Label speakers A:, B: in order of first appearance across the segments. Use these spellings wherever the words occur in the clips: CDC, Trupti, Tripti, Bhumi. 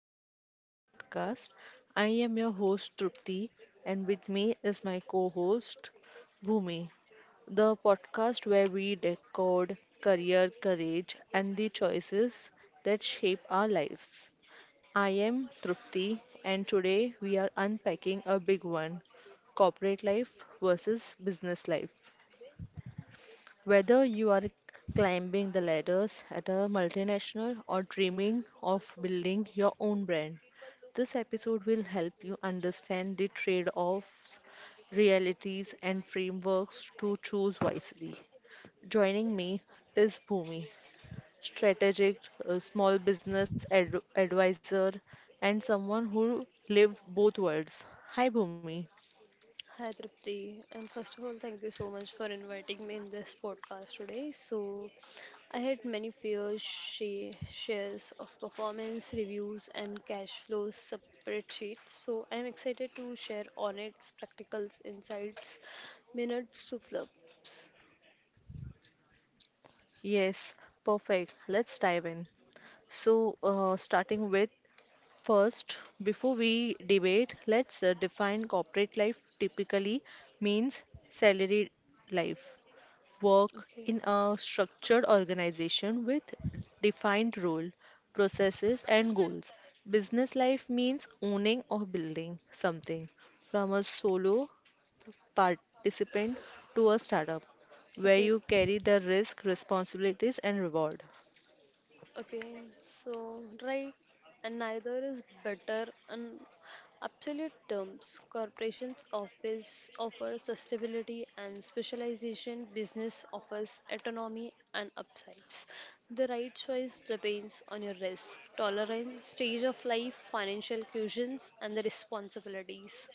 A: back to our podcast. I am your host Trupti and with me is my co-host Bhumi. The podcast where we decode career courage and the choices that shape our lives. I am Trupti and today we are unpacking a big one, corporate life versus business life. Whether you are climbing the ladders at a multinational or dreaming of building your own brand, this episode will help you understand the trade offs, realities, and frameworks to choose wisely. Joining me is Bhumi, strategic small business advisor and someone who lived both worlds. Hi Bhumi.
B: Hi Tripti, and first of all, thank you so much for inviting me in this podcast today. So, I had many fears, she shares of performance reviews and cash flows spreadsheets. So, I'm excited to share honest practicals, insights, minutes to flubs.
A: Yes, perfect. Let's dive in. So, starting with first, before we debate, let's define corporate life. Typically means salaried life, work
B: Okay,
A: in a structured organization with defined role, processes, and goals. Business life means owning or building something from a solo participant to a startup where
B: okay.
A: you carry the risk, responsibilities, and reward.
B: Okay, so right, and neither is better. In absolute terms, corporations office offer sustainability and specialization. Business offers autonomy and upsides. The right choice depends on your risk, tolerance, stage of life, financial cushions, and the responsibilities.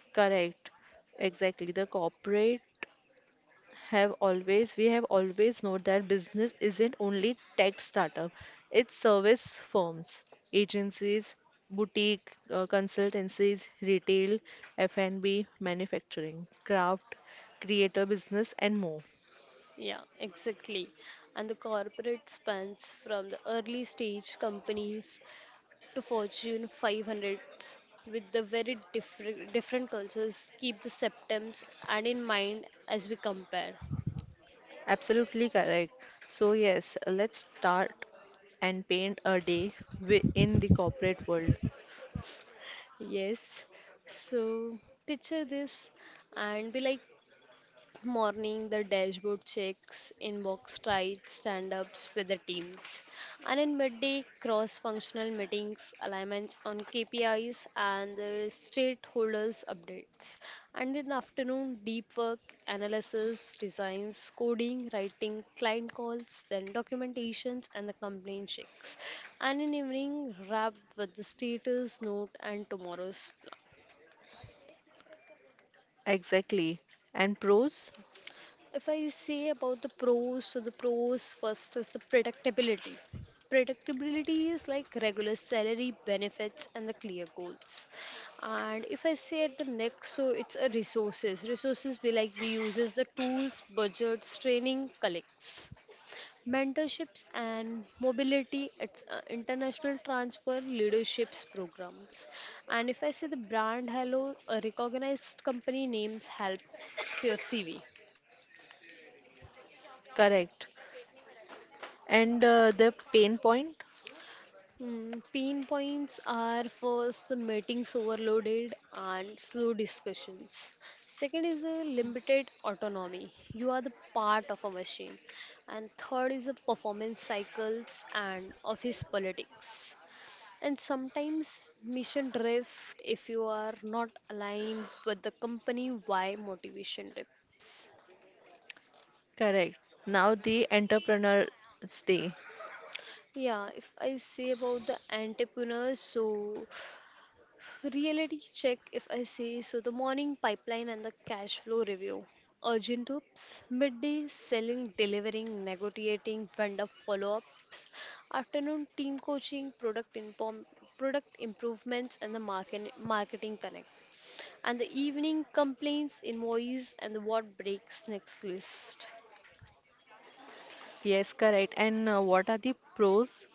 A: Correct. Exactly. The corporate have always we have always known that business isn't only tech startup, it's service firms, agencies, boutique consultancies, retail, f&b, manufacturing, craft, creator business, and more.
B: Yeah, exactly. And the corporate spans from the early stage companies to Fortune 500s with the very different cultures. Keep the septums and in mind as we compare.
A: Absolutely correct. So yes, let's start and paint a day in the corporate world.
B: Yes. So picture this and be like morning, the dashboard checks, inbox tight stand ups with the teams, and in midday, cross functional meetings, alignments on KPIs, and the stakeholders updates. And in afternoon, deep work, analysis, designs, coding, writing, client calls, then documentations, and the complaint checks. And in evening, wrap with the status note and tomorrow's plan.
A: Exactly. And pros,
B: If I say about the pros, so the pros first is the predictability. Predictability is like regular salary, benefits, and the clear goals. And if I say at the next, so it's a resources. Resources be like we uses the tools, budgets, training, collects. Mentorships and mobility, it's international transfer leaderships programs. And if I say the brand hello, a recognized company names helps your CV.
A: correct. And the pain point?
B: Pain points are first the meetings overloaded and slow discussions. Second is a limited autonomy. You are the part of a machine. And third is the performance cycles and office politics. And sometimes mission drift if you are not aligned with the company why motivation dips.
A: Correct. Now the entrepreneur's day.
B: Yeah, if I say about the entrepreneurs, so reality check, if I say so, the morning pipeline and the cash flow review. Urgent ups, midday selling, delivering, negotiating, vendor follow ups, afternoon team coaching, product improvements, and the marketing connect. And the evening complaints, invoice, and the what breaks next list.
A: Yes, correct. And what are the pros?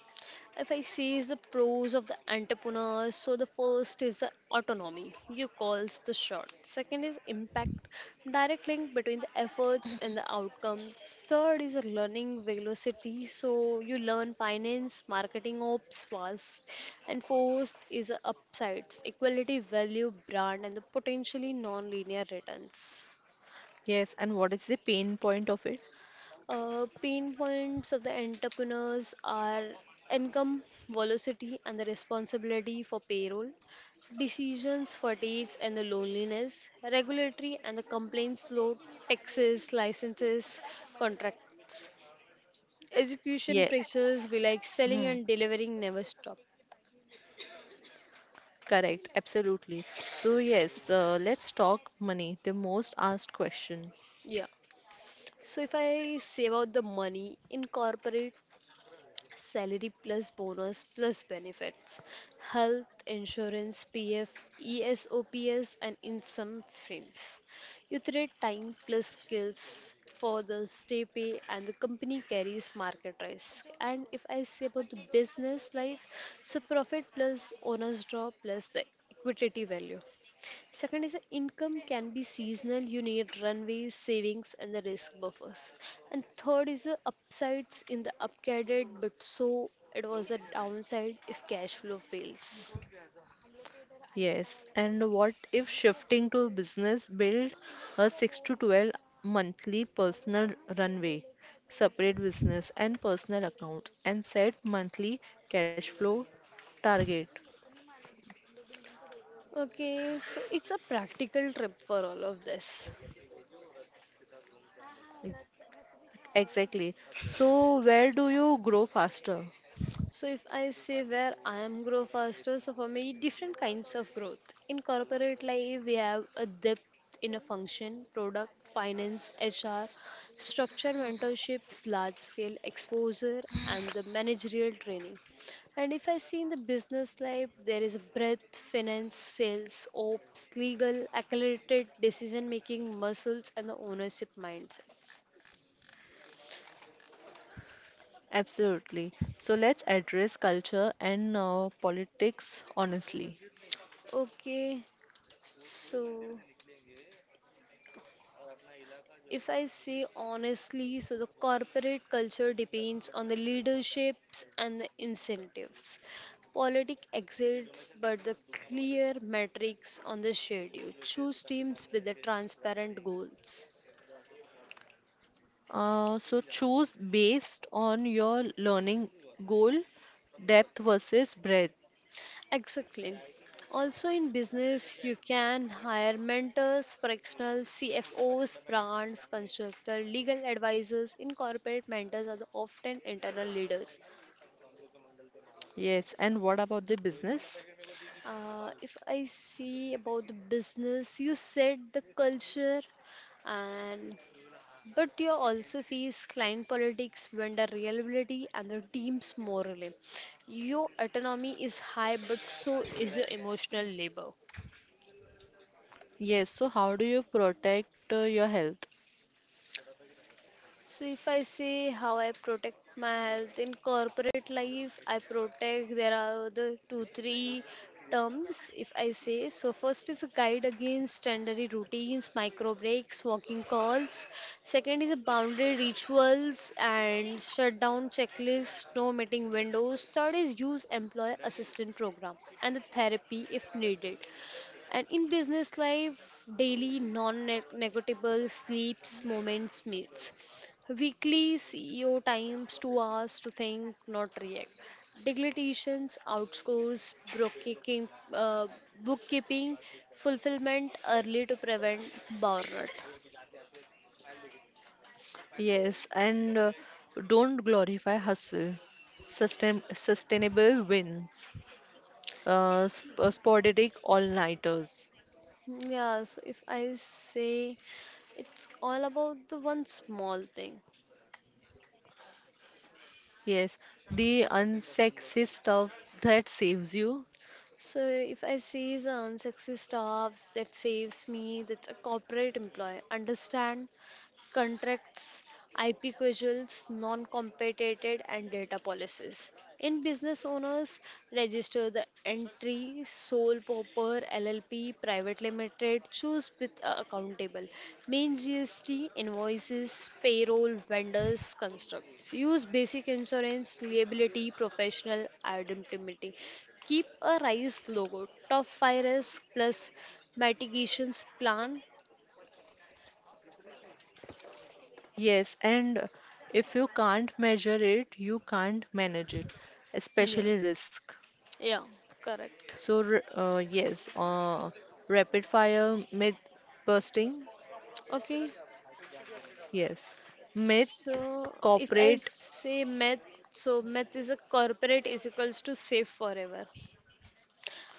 B: If I see is the pros of the entrepreneurs, so the first is the autonomy. You calls the shot. Second is impact, direct link between the efforts and the outcomes. Third is a learning velocity. So you learn finance, marketing ops fast. And fourth is a upsides, equality, value, brand, and the potentially non-linear returns.
A: Yes, and what is the pain point of it?
B: Pain points of the entrepreneurs are income velocity and the responsibility for payroll, decisions, fatigues, and the loneliness, regulatory and the complaints load, taxes, licenses, contracts, execution
A: Yes.
B: pressures be like
A: Hmm.
B: selling and delivering never stop.
A: Correct. Absolutely. So yes, let's talk money, the most asked question.
B: Yeah. So if I save out the money in corporate salary plus bonus plus benefits, health insurance, PF, ESOPS, and in some firms. You trade time plus skills for the stay pay, and the company carries market risk. And if I say about the business life, so profit plus owners draw plus the equity value. Second is income can be seasonal. You need runways, savings, and the risk buffers. And third is the upsides in the upgraded, but so it was a downside if cash flow fails.
A: Yes. And what if shifting to business, build a 6 to 12 monthly personal runway, separate business and personal accounts, and set monthly cash flow target?
B: Okay, so it's a practical trip for all of this.
A: Exactly. So, where do you grow faster?
B: So if I say where I am grow faster, so for me different kinds of growth. In corporate life, we have a depth in a function, product, finance, HR, structure, mentorships, large scale exposure, and the managerial training. And if I see in the business life, there is breadth, finance, sales, ops, legal, accelerated decision making, muscles, and the ownership mindsets.
A: Absolutely. So, let's address culture and politics honestly.
B: Okay, so. If I say honestly, so the corporate culture depends on the leaderships and the incentives. Politics exists, but the clear metrics on the schedule. Choose teams with the transparent goals.
A: So, choose based on your learning goal, depth versus breadth.
B: Exactly. Also, in business, you can hire mentors, fractional CFOs, brands, constructor, legal advisors. In corporate, mentors are the often internal leaders.
A: Yes. And what about the business?
B: If I see about the business, you said the culture and but you also face client politics, vendor reliability, and the team's morale. Your autonomy is high, but so is your emotional labor.
A: Yes. So, how do you protect your health?
B: So if I say how I protect my health in corporate life, I protect there are the two three terms if I say. So first is a guide against standard routines, micro breaks, walking calls. Second is a boundary rituals and shutdown checklist, no meeting windows. Third is use employee assistant program and the therapy if needed. And in business life, daily non negotiable sleeps, moments, meals. Weekly CEO times, 2 hours to think, not react. Deglitations, outscores, bookkeeping, fulfillment early to prevent burnout.
A: Yes. And don't glorify hustle, sustainable wins. Sporadic all-nighters.
B: Yeah, so if I say it's all about the one small thing.
A: Yes, the unsexy stuff that saves you.
B: So if I see the unsexy staffs that saves me, that's a corporate employee. Understand? Contracts, IP credentials, non-competed and data policies. In business owners, register the entry sole proper LLP private limited choose with accountable main GST invoices payroll vendors constructs use basic insurance liability professional indemnity keep a rise logo top 5 risk plus mitigations plan.
A: Yes, and if you can't measure it, you can't manage it,
B: Yeah,
A: especially risk.
B: yeah, correct.
A: So, rapid fire myth busting.
B: Okay,
A: Yes, myth
B: so if I
A: corporate.
B: say math, so math is a corporate is equals to safe forever.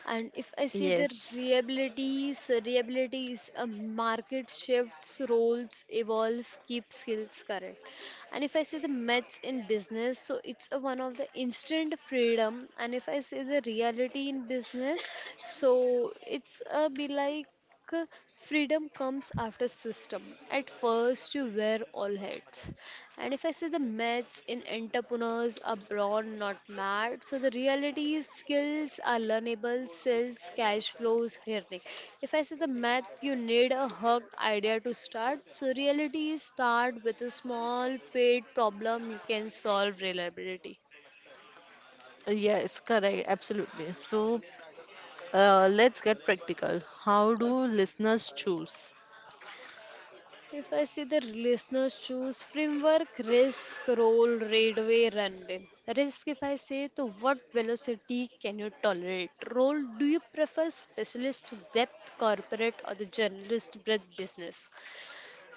B: And if I see the
A: Yes.
B: reliabilities, reliability is a market shifts, roles evolve, keep skills current. And if I see the myths in business, so it's a one of the instant freedom. And if I see the reality in business, so it's a be like uh, freedom comes after system. At first, you wear all hats. And if I say the myths in entrepreneurs are broad, not mad. So the reality is skills are learnable, sales, cash flows, earning. If I say the math, you need a hug idea to start. So reality is start with a small paid problem you can solve reliability.
A: Yes, Correct, absolutely. So, let's get practical. How do listeners choose?
B: If I see the listeners choose framework, risk, roll, radway, runway. Risk, if I say, to what velocity can you tolerate? Roll, do you prefer specialist depth, corporate, or the generalist breadth business?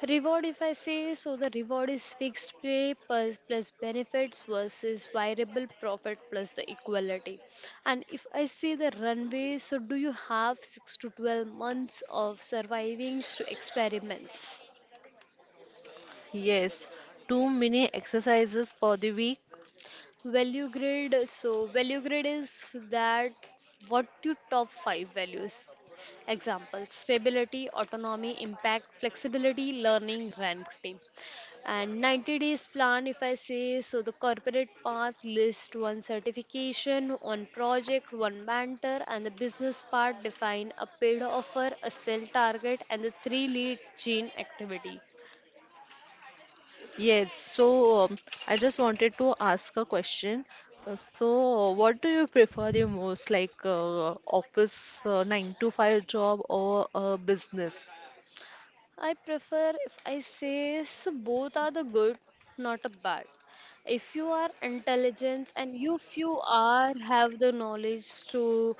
B: Reward, if I say, so the reward is fixed pay plus benefits versus variable profit plus the equality. And if I see the runway, so do you have 6 to 12 months of surviving to experiments?
A: Yes, too many exercises for the week.
B: Value grid. So, value grid is that what your top five values. Example stability, autonomy, impact, flexibility, learning, ranking. And 90 days plan, if I say so, the corporate path list one certification, one project, one mentor, and the business part define a paid offer, a sell target, and the three lead chain activity.
A: Yes, so um, I just wanted to ask a question. So, what do you prefer the most, like office 9 to 5 job or a business?
B: I prefer if I say so both are the good, not a bad. If you are intelligent and you if you are have the knowledge to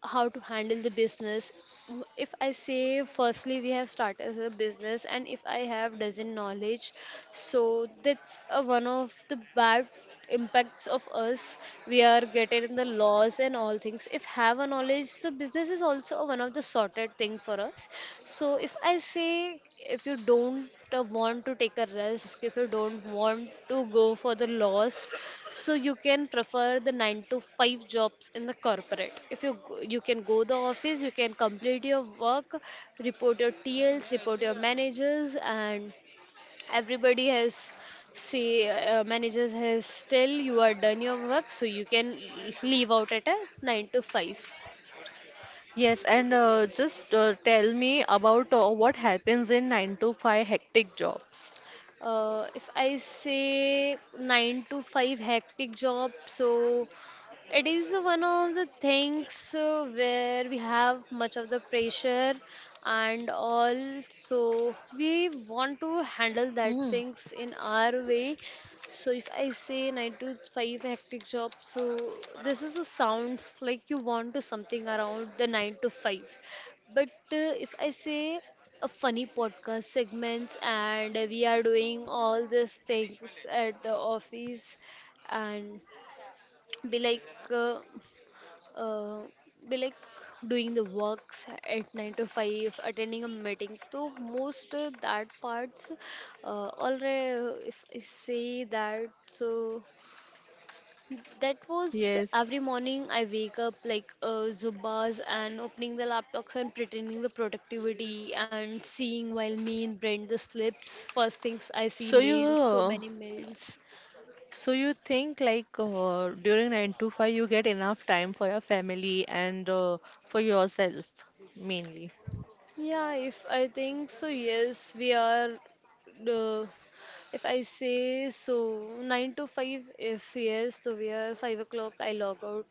B: how to handle the business, if I say firstly we have started a business and if I have doesn't knowledge, so that's a one of the bad impacts of us we are getting in the laws and all things if have a knowledge the business is also one of the sorted thing for us. So if I say if you don't want to take a risk if you don't want to go for the lost, so you can prefer the 9 to 5 jobs in the corporate. If you can go the office you can complete your work, report your tls report your managers, and everybody has say managers has tell you are done your work, so you can leave out at a 9 to 5.
A: Yes, and just tell me about what happens in 9 to 5 hectic jobs.
B: If I say 9 to 5 hectic job, so it is one of the things where we have much of the pressure, and also we want to handle that
A: Hmm.
B: things in our way. So if I say 9 to 5 hectic job, so this is a sounds like you want to something around the 9 to 5. But if I say a funny podcast segments and we are doing all these things at the office and be like. Uh, uh, be like doing the works at 9 to 5 attending a meeting so most that parts already if I say that, so that was the, every
A: Yes.
B: morning I wake up like zubas and opening the laptops and pretending the productivity and seeing while me and brent the slips first things I see
A: So you
B: mails so
A: uh,
B: many mails.
A: So you think like during 9 to 5 you get enough time for your family and for yourself mainly.
B: Yeah, if I think so, yes we are uh, if I say so, 9 to 5, if yes, so we are 5 o'clock, I log out.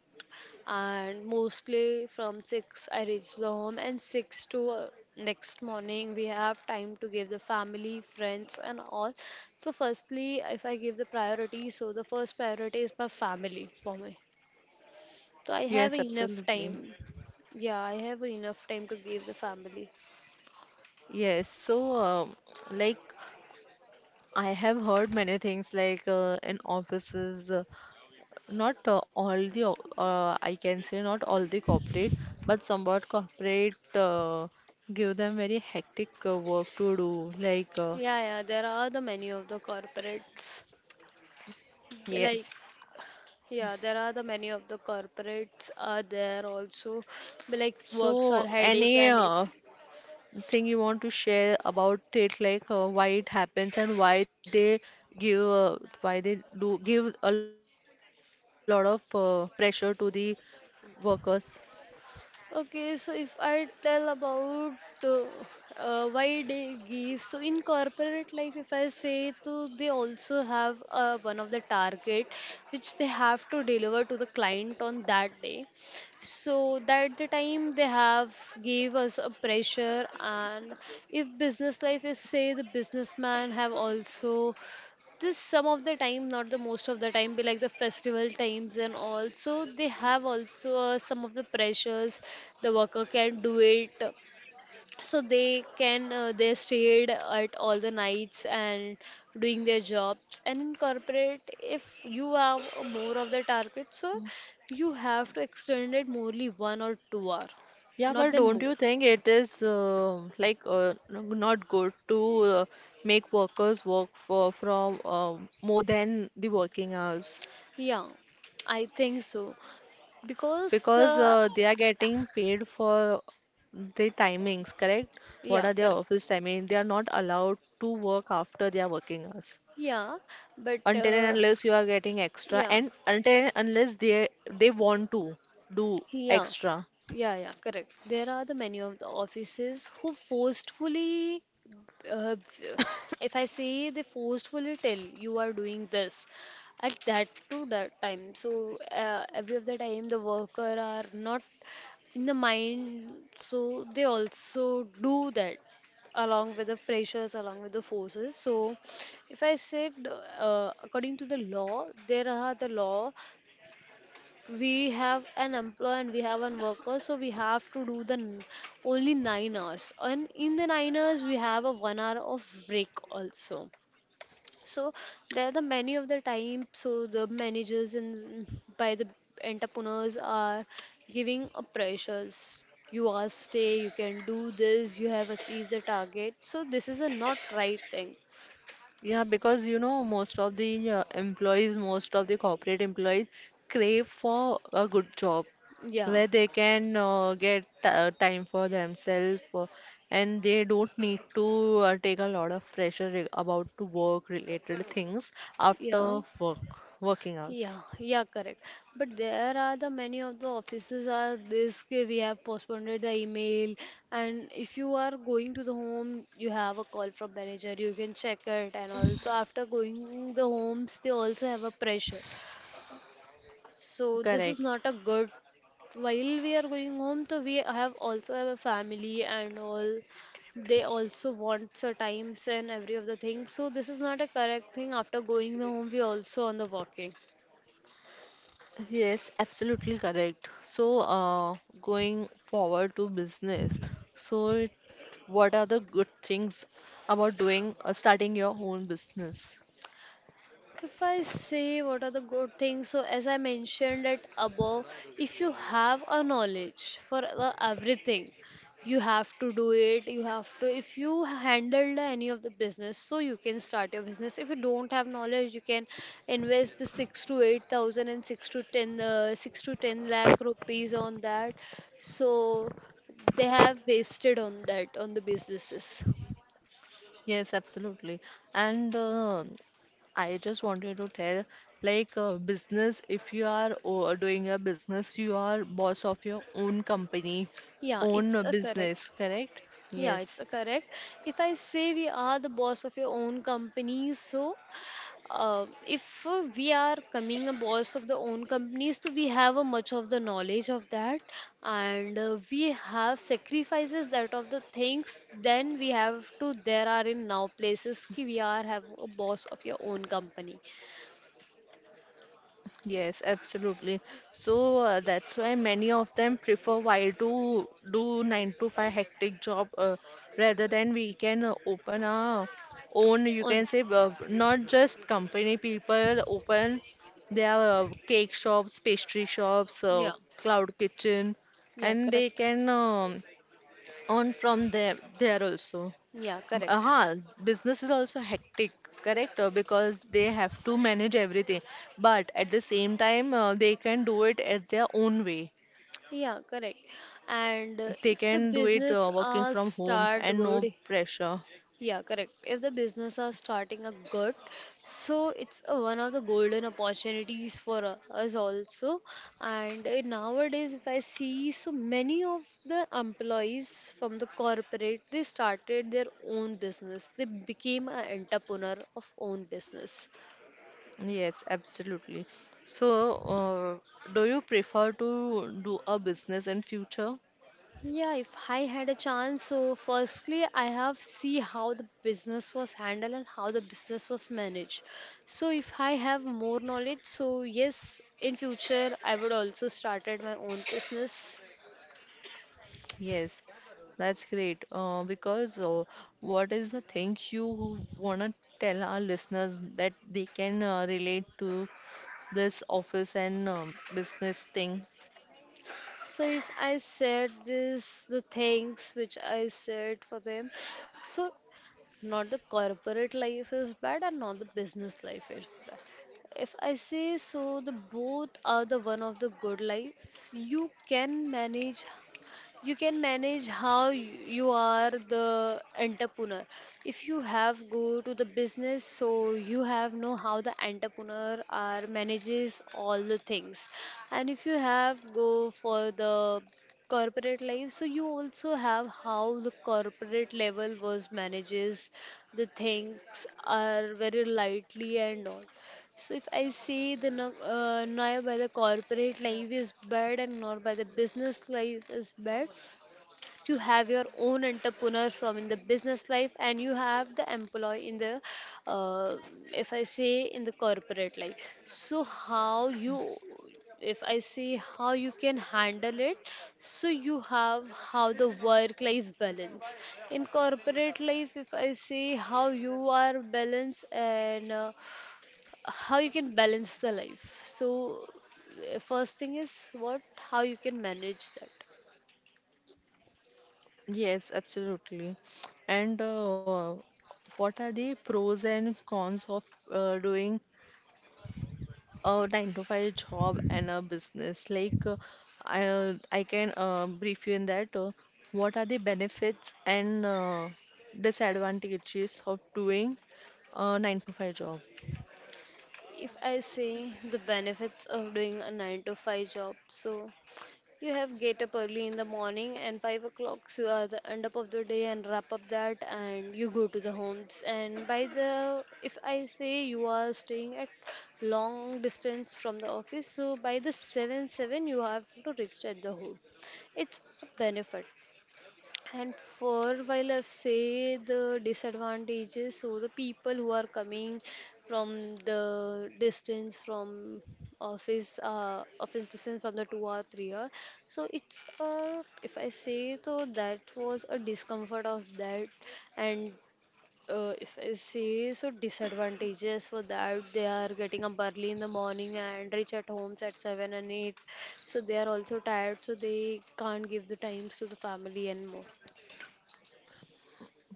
B: And mostly from 6, I reach the home. And 6 to next morning, we have time to give the family, friends, and all. So, firstly, if I give the priority, so the first priority is my family for me. So, I have
A: Yes,
B: enough
A: absolutely.
B: time. Yeah, I have enough time to give the family.
A: Yes, so um, like, I have heard many things like in offices, not all the o- I can say not all the corporate, but somewhat corporate give them very hectic work to do.
B: Yeah, yeah, there are the many of the corporates. Like,
A: Yes,
B: yeah, there are the many of the corporates are there also, but like works are
A: so
B: headache
A: any
B: and if
A: thing you want to share about it, like why it happens and why they give, uh, why they do give a lot of pressure to the workers?
B: okay, so if I tell about uh, why they give so in corporate life, if I say to they also have one of the target which they have to deliver to the client on that day. So that the time they have gave us a pressure. And if business life is say the businessman have also this some of the time, not the most of the time, be like the festival times and all. So they have also some of the pressures the worker can do it, so they can they stayed at all the nights and doing their jobs. And in corporate if you have more of the target, so you have to extend it morely 1 or 2 hour,
A: Yeah,
B: not
A: but
B: then
A: don't
B: more.
A: you think it is not good to make workers work for from more than the working hours,
B: Yeah, I think so, because
A: because
B: the
A: they are getting paid for the timings, correct? What
B: yeah
A: are their
B: correct.
A: office timing? They are not allowed to work after their working hours.
B: Yeah, but
A: Until and unless you are getting extra,
B: yeah,
A: and until and unless they they want to do
B: yeah,
A: extra.
B: yeah, yeah, correct. There are the many of the offices who forcefully, uh, if I say they forcefully tell you are doing this at that to that time. So every of the time the worker are not in the mind, so they also do that along with the pressures, along with the forces. So, if I said according to the law, there are the law we have an employee and we have an worker, so we have to do only 9 hours and in the 9 hours we have a 1 hour of break also. So there are the many of the time so the managers and by the entrepreneurs are giving a pressures, you are stay you can do this you have achieved the target, so this is a not right thing.
A: Yeah, because you know, most of the employees, most of the corporate employees crave for a good job
B: Yeah,
A: where they can get time for themselves, and they don't need to take a lot of pressure about to work related things after
B: yeah.
A: work working hours.
B: Yeah, yeah, correct. But there are the many of the offices are this ki we have postponed the email, and if you are going to the home, you have a call from manager, you can check it, and also after going the homes, they also have a pressure. So this is
A: Correct.
B: not a good. While we are going home, so we have also have a family and all. They also want the times and every of the things. So this is not a correct thing. After going the home, we also on the walking.
A: Yes, absolutely correct. So, going forward to business, so what are the good things about doing starting your own business?
B: If I say what are the good things, so as I mentioned it above, if you have a knowledge for the everything, you have to do it. You have to, if you handled any of the business, so you can start your business. If you don't have knowledge, you can invest the six to eight thousand and six to ten, 6 to 10 lakh rupees on that. So they have wasted on that on the businesses.
A: Yes, absolutely. And I just wanted to tell, like, business, if you are doing a business, you are boss of your own company,
B: Yeah,
A: own
B: it's a correct.
A: business, correct?
B: Yeah,
A: Yes.
B: it's a correct. If I say we are the boss of your own company, so if we are coming a boss of the own companies, so we have a much of the knowledge of that, and we have sacrifices that of the things. Then we have to. There are in now places ki we are have a boss of your own company.
A: Yes, absolutely. So that's why many of them prefer while to do 9 to 5 hectic job rather than we can open our own, you
B: On
A: can say, not just company, people open their cake shops, pastry shops,
B: yeah,
A: cloud kitchen,
B: yeah,
A: and they
B: correct.
A: can earn from them there also.
B: Yeah, correct.
A: Huh, business is also hectic, correct? Because they have to manage everything. But at the same time, they can do it at their own way.
B: Yeah, correct.
A: They can do
B: And
A: it
B: if the
A: working from
B: business
A: home and no
B: start good,
A: pressure.
B: Yeah, correct. If the business are starting a good, so it's a, one of the golden opportunities for us also. And nowadays, if I see, so many of the employees from the corporate, they started their own business. They became an entrepreneur of own business.
A: Yes, absolutely. So, do you prefer to do a business in future?
B: Yeah, if I had a chance, so firstly, I have see how the business was handled and how the business was managed. So if I have more knowledge, so yes, in future I would also started my own business.
A: Yes, that's great. Because what is the thing you wanna tell our listeners that they can relate to this office and business thing.
B: So if I said this, the things which I said for them, so not the corporate life is bad and not the business life is bad. If I say so, the both are the one of the good life. You can manage you can manage how you are the entrepreneur. If you have go to the business so you have know how the entrepreneur are manages all the things, and if you have go for the corporate life so you also have how the corporate level was manages the things are very lightly and all. So if I say the no, now by the corporate life is bad and not by the business life is bad, you have your own entrepreneur from in the business life and you have the employee in the uh, if I say in the corporate life. So how you if I say how you can handle it, so you have how the work life balance in corporate life. If I say how you are balanced and how you can balance the life. So, first thing is what how you can manage that.
A: Yes, absolutely. And what are the pros and cons of doing a 9 to 5 job and a business? I can brief you in that. What are the benefits and disadvantages of doing a 9 to 5 job?
B: If I say the benefits of doing a 9 to 5 job, so you have get up early in the morning and 5 o'clock, so you are the end up of the day and wrap up that and you go to the homes. And by the, if I say you are staying at long distance from the office, so by the 7 7 you have to reach at the home. It's a benefit. And for while I've say the disadvantages, so the people who are coming from the distance from office, office distance from the 2 or 3 hour, so it's if I say so that was a discomfort of that, and if I say so disadvantages for that they are getting up early in the morning and reach at homes at 7 and 8, so they are also tired, so they can't give the times to the family and more.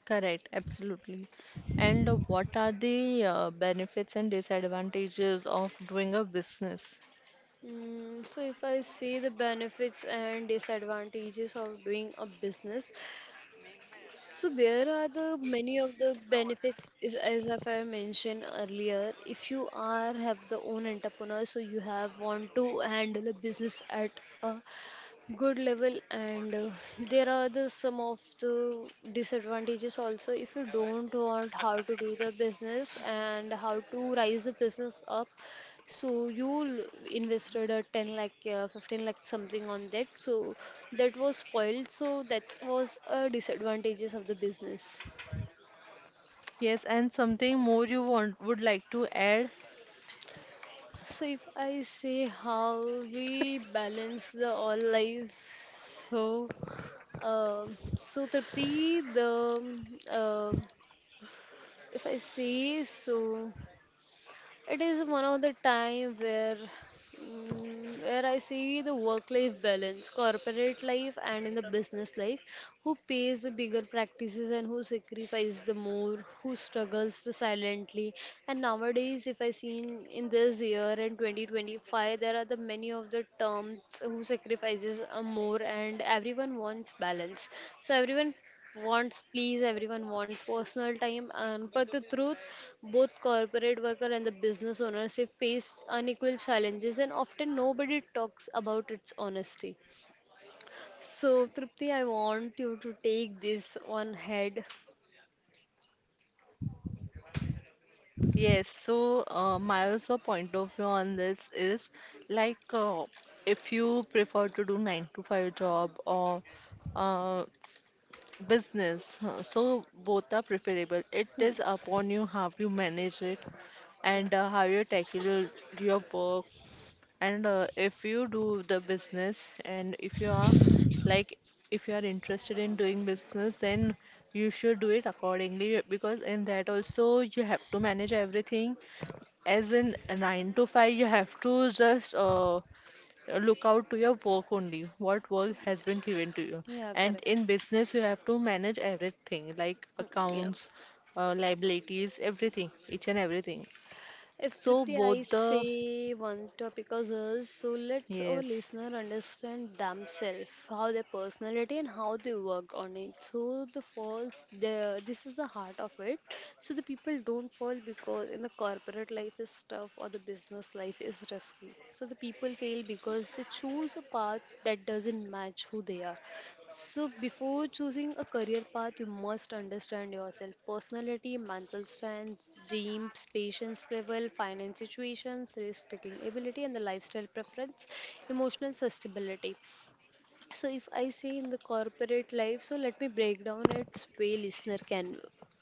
A: Correct, absolutely. And what are the benefits and disadvantages of doing a business?
B: Mm, so if I see the benefits and disadvantages of doing a business, so there are the many of the benefits is as if I mentioned earlier. If you are have the own entrepreneur, so you have want to handle a business at a good level and there are the some of the disadvantages also if you don't want how to do the business and how to rise the business up, so you invested a 10 lakh 15 lakh something on that, so that was spoiled, so that was a disadvantages of the business.
A: Yes, and something more you want would like to add?
B: So if I say how we balance the all life, so Tripti, the um, if I see, so it is one of the time where where I see the work-life balance, corporate life and in the business life, who pays the bigger practices and who sacrifices the more, who struggles the silently. And nowadays, if I seen in this year in 2025, there are the many of the terms who sacrifices a more and everyone wants balance. So everyone wants please everyone wants personal time and but the truth both corporate worker and the business owners they face unequal challenges and often nobody talks about its honesty. So Tripti, I want you to take this on head.
A: Yes, my also point of view on this is like, if you prefer to do 9 to 5 job or uh, s- business, so both are preferable. It
B: Hmm,
A: is upon you how you manage it
B: yeah.
A: and how you tackle your work. And if you do the business, and if you are like, if you are interested in doing business, then you should do it accordingly, because in that also you have to manage everything. As in nine to five, you have to just look out to your work only, what work has been given to you.
B: Yeah,
A: And
B: correct.
A: in business, you have to manage everything, like
B: Hmm, yeah.
A: accounts, liabilities, everything, each and everything.
B: If
A: So
B: Tripti,
A: both
B: I
A: the
B: say one topic of hers, so let's our
A: yes,
B: listener understand themselves, how their personality and how they work on it. So the falls, the this is the heart of it. So the people don't fall because in the corporate life is tough or the business life is risky. So the people fail because they choose a path that doesn't match who they are. So, before choosing a career path, you must understand yourself personality, mental strength, dreams, patience level, finance situations, risk taking ability, and the lifestyle preference, emotional sustainability. So if I say in the corporate life, so let me break down its way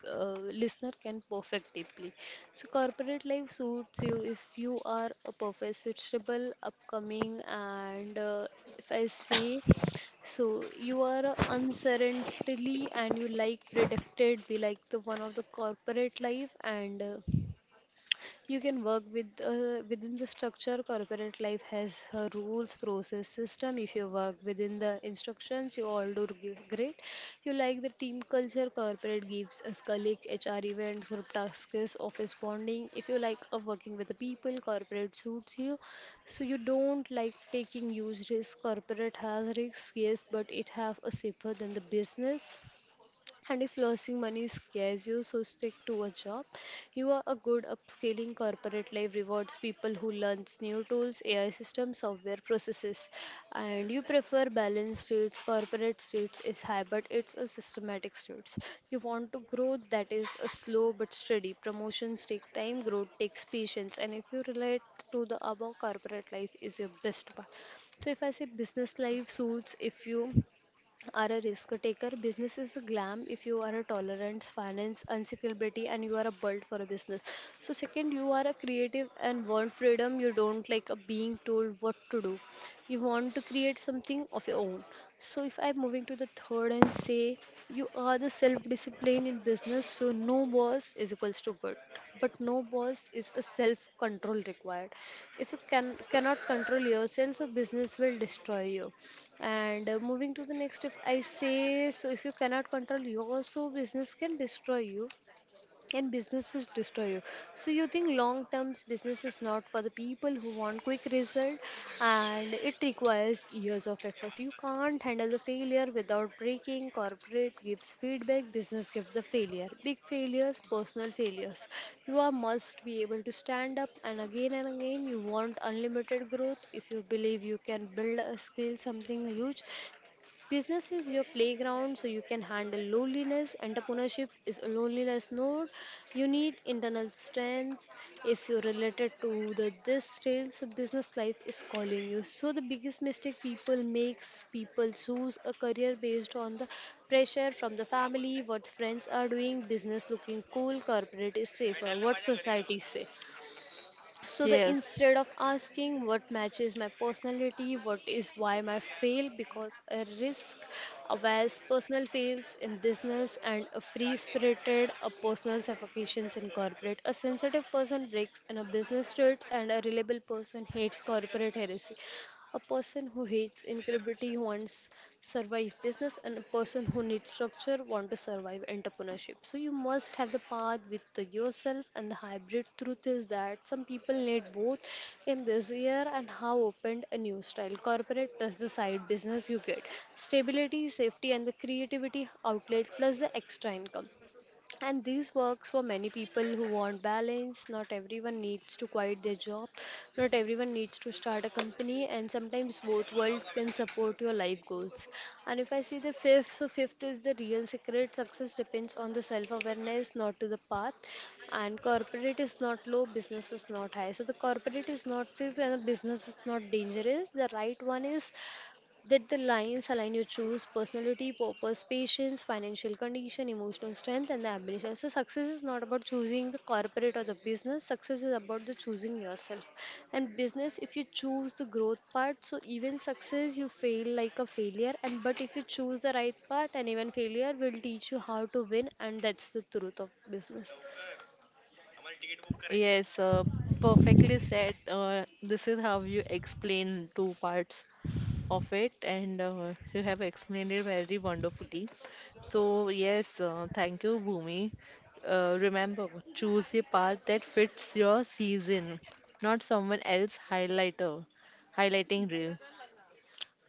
B: uh, listener can perfect deeply. So corporate life suits you if you are a professional, upcoming, and if I say so, you are uncertainly and you like predicted be like the one of the corporate life and. You can work with within the structure. Corporate life has rules, process, system. If you work within the instructions, you all do great. You like the team culture. Corporate gives us colleague, HR events, group tasks, office bonding. If you like working with the people, corporate suits you. So you don't like taking huge risk. Corporate has risks, yes, but it have a safer than the business. And if losing money scares you, so stick to a job. You are a good upscaling corporate life rewards people who learns new tools, AI systems, software processes. And you prefer balanced states, corporate states is high, but it's a systematic states. You want to grow that is a slow but steady. Promotions take time, growth takes patience. And if you relate to the above, corporate life is your best one. So if I say business life suits if you are a risk taker. Business is a glam if you are a tolerance, finance, unsecurity, and you are a built for a business. So, second, you are a creative and want freedom. You don't like a being told what to do. You want to create something of your own. So, if I'm moving to the third and say you are the self discipline in business, so no boss is equals to good, but no boss is a self control required. If you can cannot control yourself, so business will destroy you. And moving to the next, if I say, so if you cannot control your, so business can destroy you and business will destroy you. So you think long terms business is not for the people who want quick result and it requires years of effort. You can't handle the failure without breaking. Corporate gives feedback, business gives the failure. Big failures, personal failures. You are must be able to stand up and again you want unlimited growth. If you believe you can build a skill something huge, business is your playground, so you can handle loneliness. Entrepreneurship is a loneliness node. You need internal strength. If you're related to the this trail, so business life is calling you. So the biggest mistake people makes people choose a career based on the pressure from the family, what friends are doing, business looking cool, corporate is safer, what society say. So the
A: yes.
B: instead of asking what matches my personality, what is why my fail, because a risk averse personal fails in business and a free spirited, a personal suffocations in corporate. A sensitive person breaks in a business state and a reliable person hates corporate heresy. A person who hates incredibly wants survive business, and a person who needs structure want to survive entrepreneurship. So you must have the path with the yourself and the hybrid. Truth is that some people need both in this year and how opened a new style corporate plus the side business you get stability safety and the creativity outlet plus the extra income and this works for many people who want balance. Not everyone needs to quit their job. Not everyone needs to start a company. And sometimes both worlds can support your life goals. And if I see the fifth, so fifth is the real secret. Success depends on the self-awareness, not to the path. And corporate is not low, business is not high. So the corporate is not safe and the business is not dangerous. The right one is did the lines align you choose personality, purpose, patience, financial condition, emotional strength, and the ambition? So success is not about choosing the corporate or the business. Success is about the choosing yourself. And business, if you choose the growth part, so even success you fail like a failure. And but if you choose the right part, and even failure will teach you how to win, and that's the truth of business.
A: Yes, perfectly said. This is how you explain two parts of it, and you have explained it very wonderfully. So, yes, thank you, Bhumi. Remember, choose a path that fits your season, not someone else highlighting reel.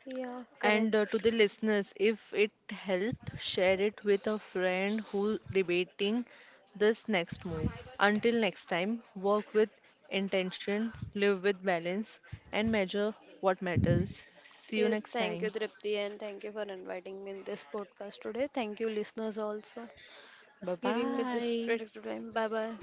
B: Yeah,
A: And
B: correct.
A: to the listeners, if it helped, share it with a friend who debating this next move. Until next time, work with intention, live with balance, and measure what matters. See you
B: Yes,
A: next
B: thank you,
A: time.
B: Tripti, and thank you for inviting me in this podcast today. Thank you, listeners, also.
A: Bye
B: Giving me this
A: bye.
B: predictable time. Bye bye.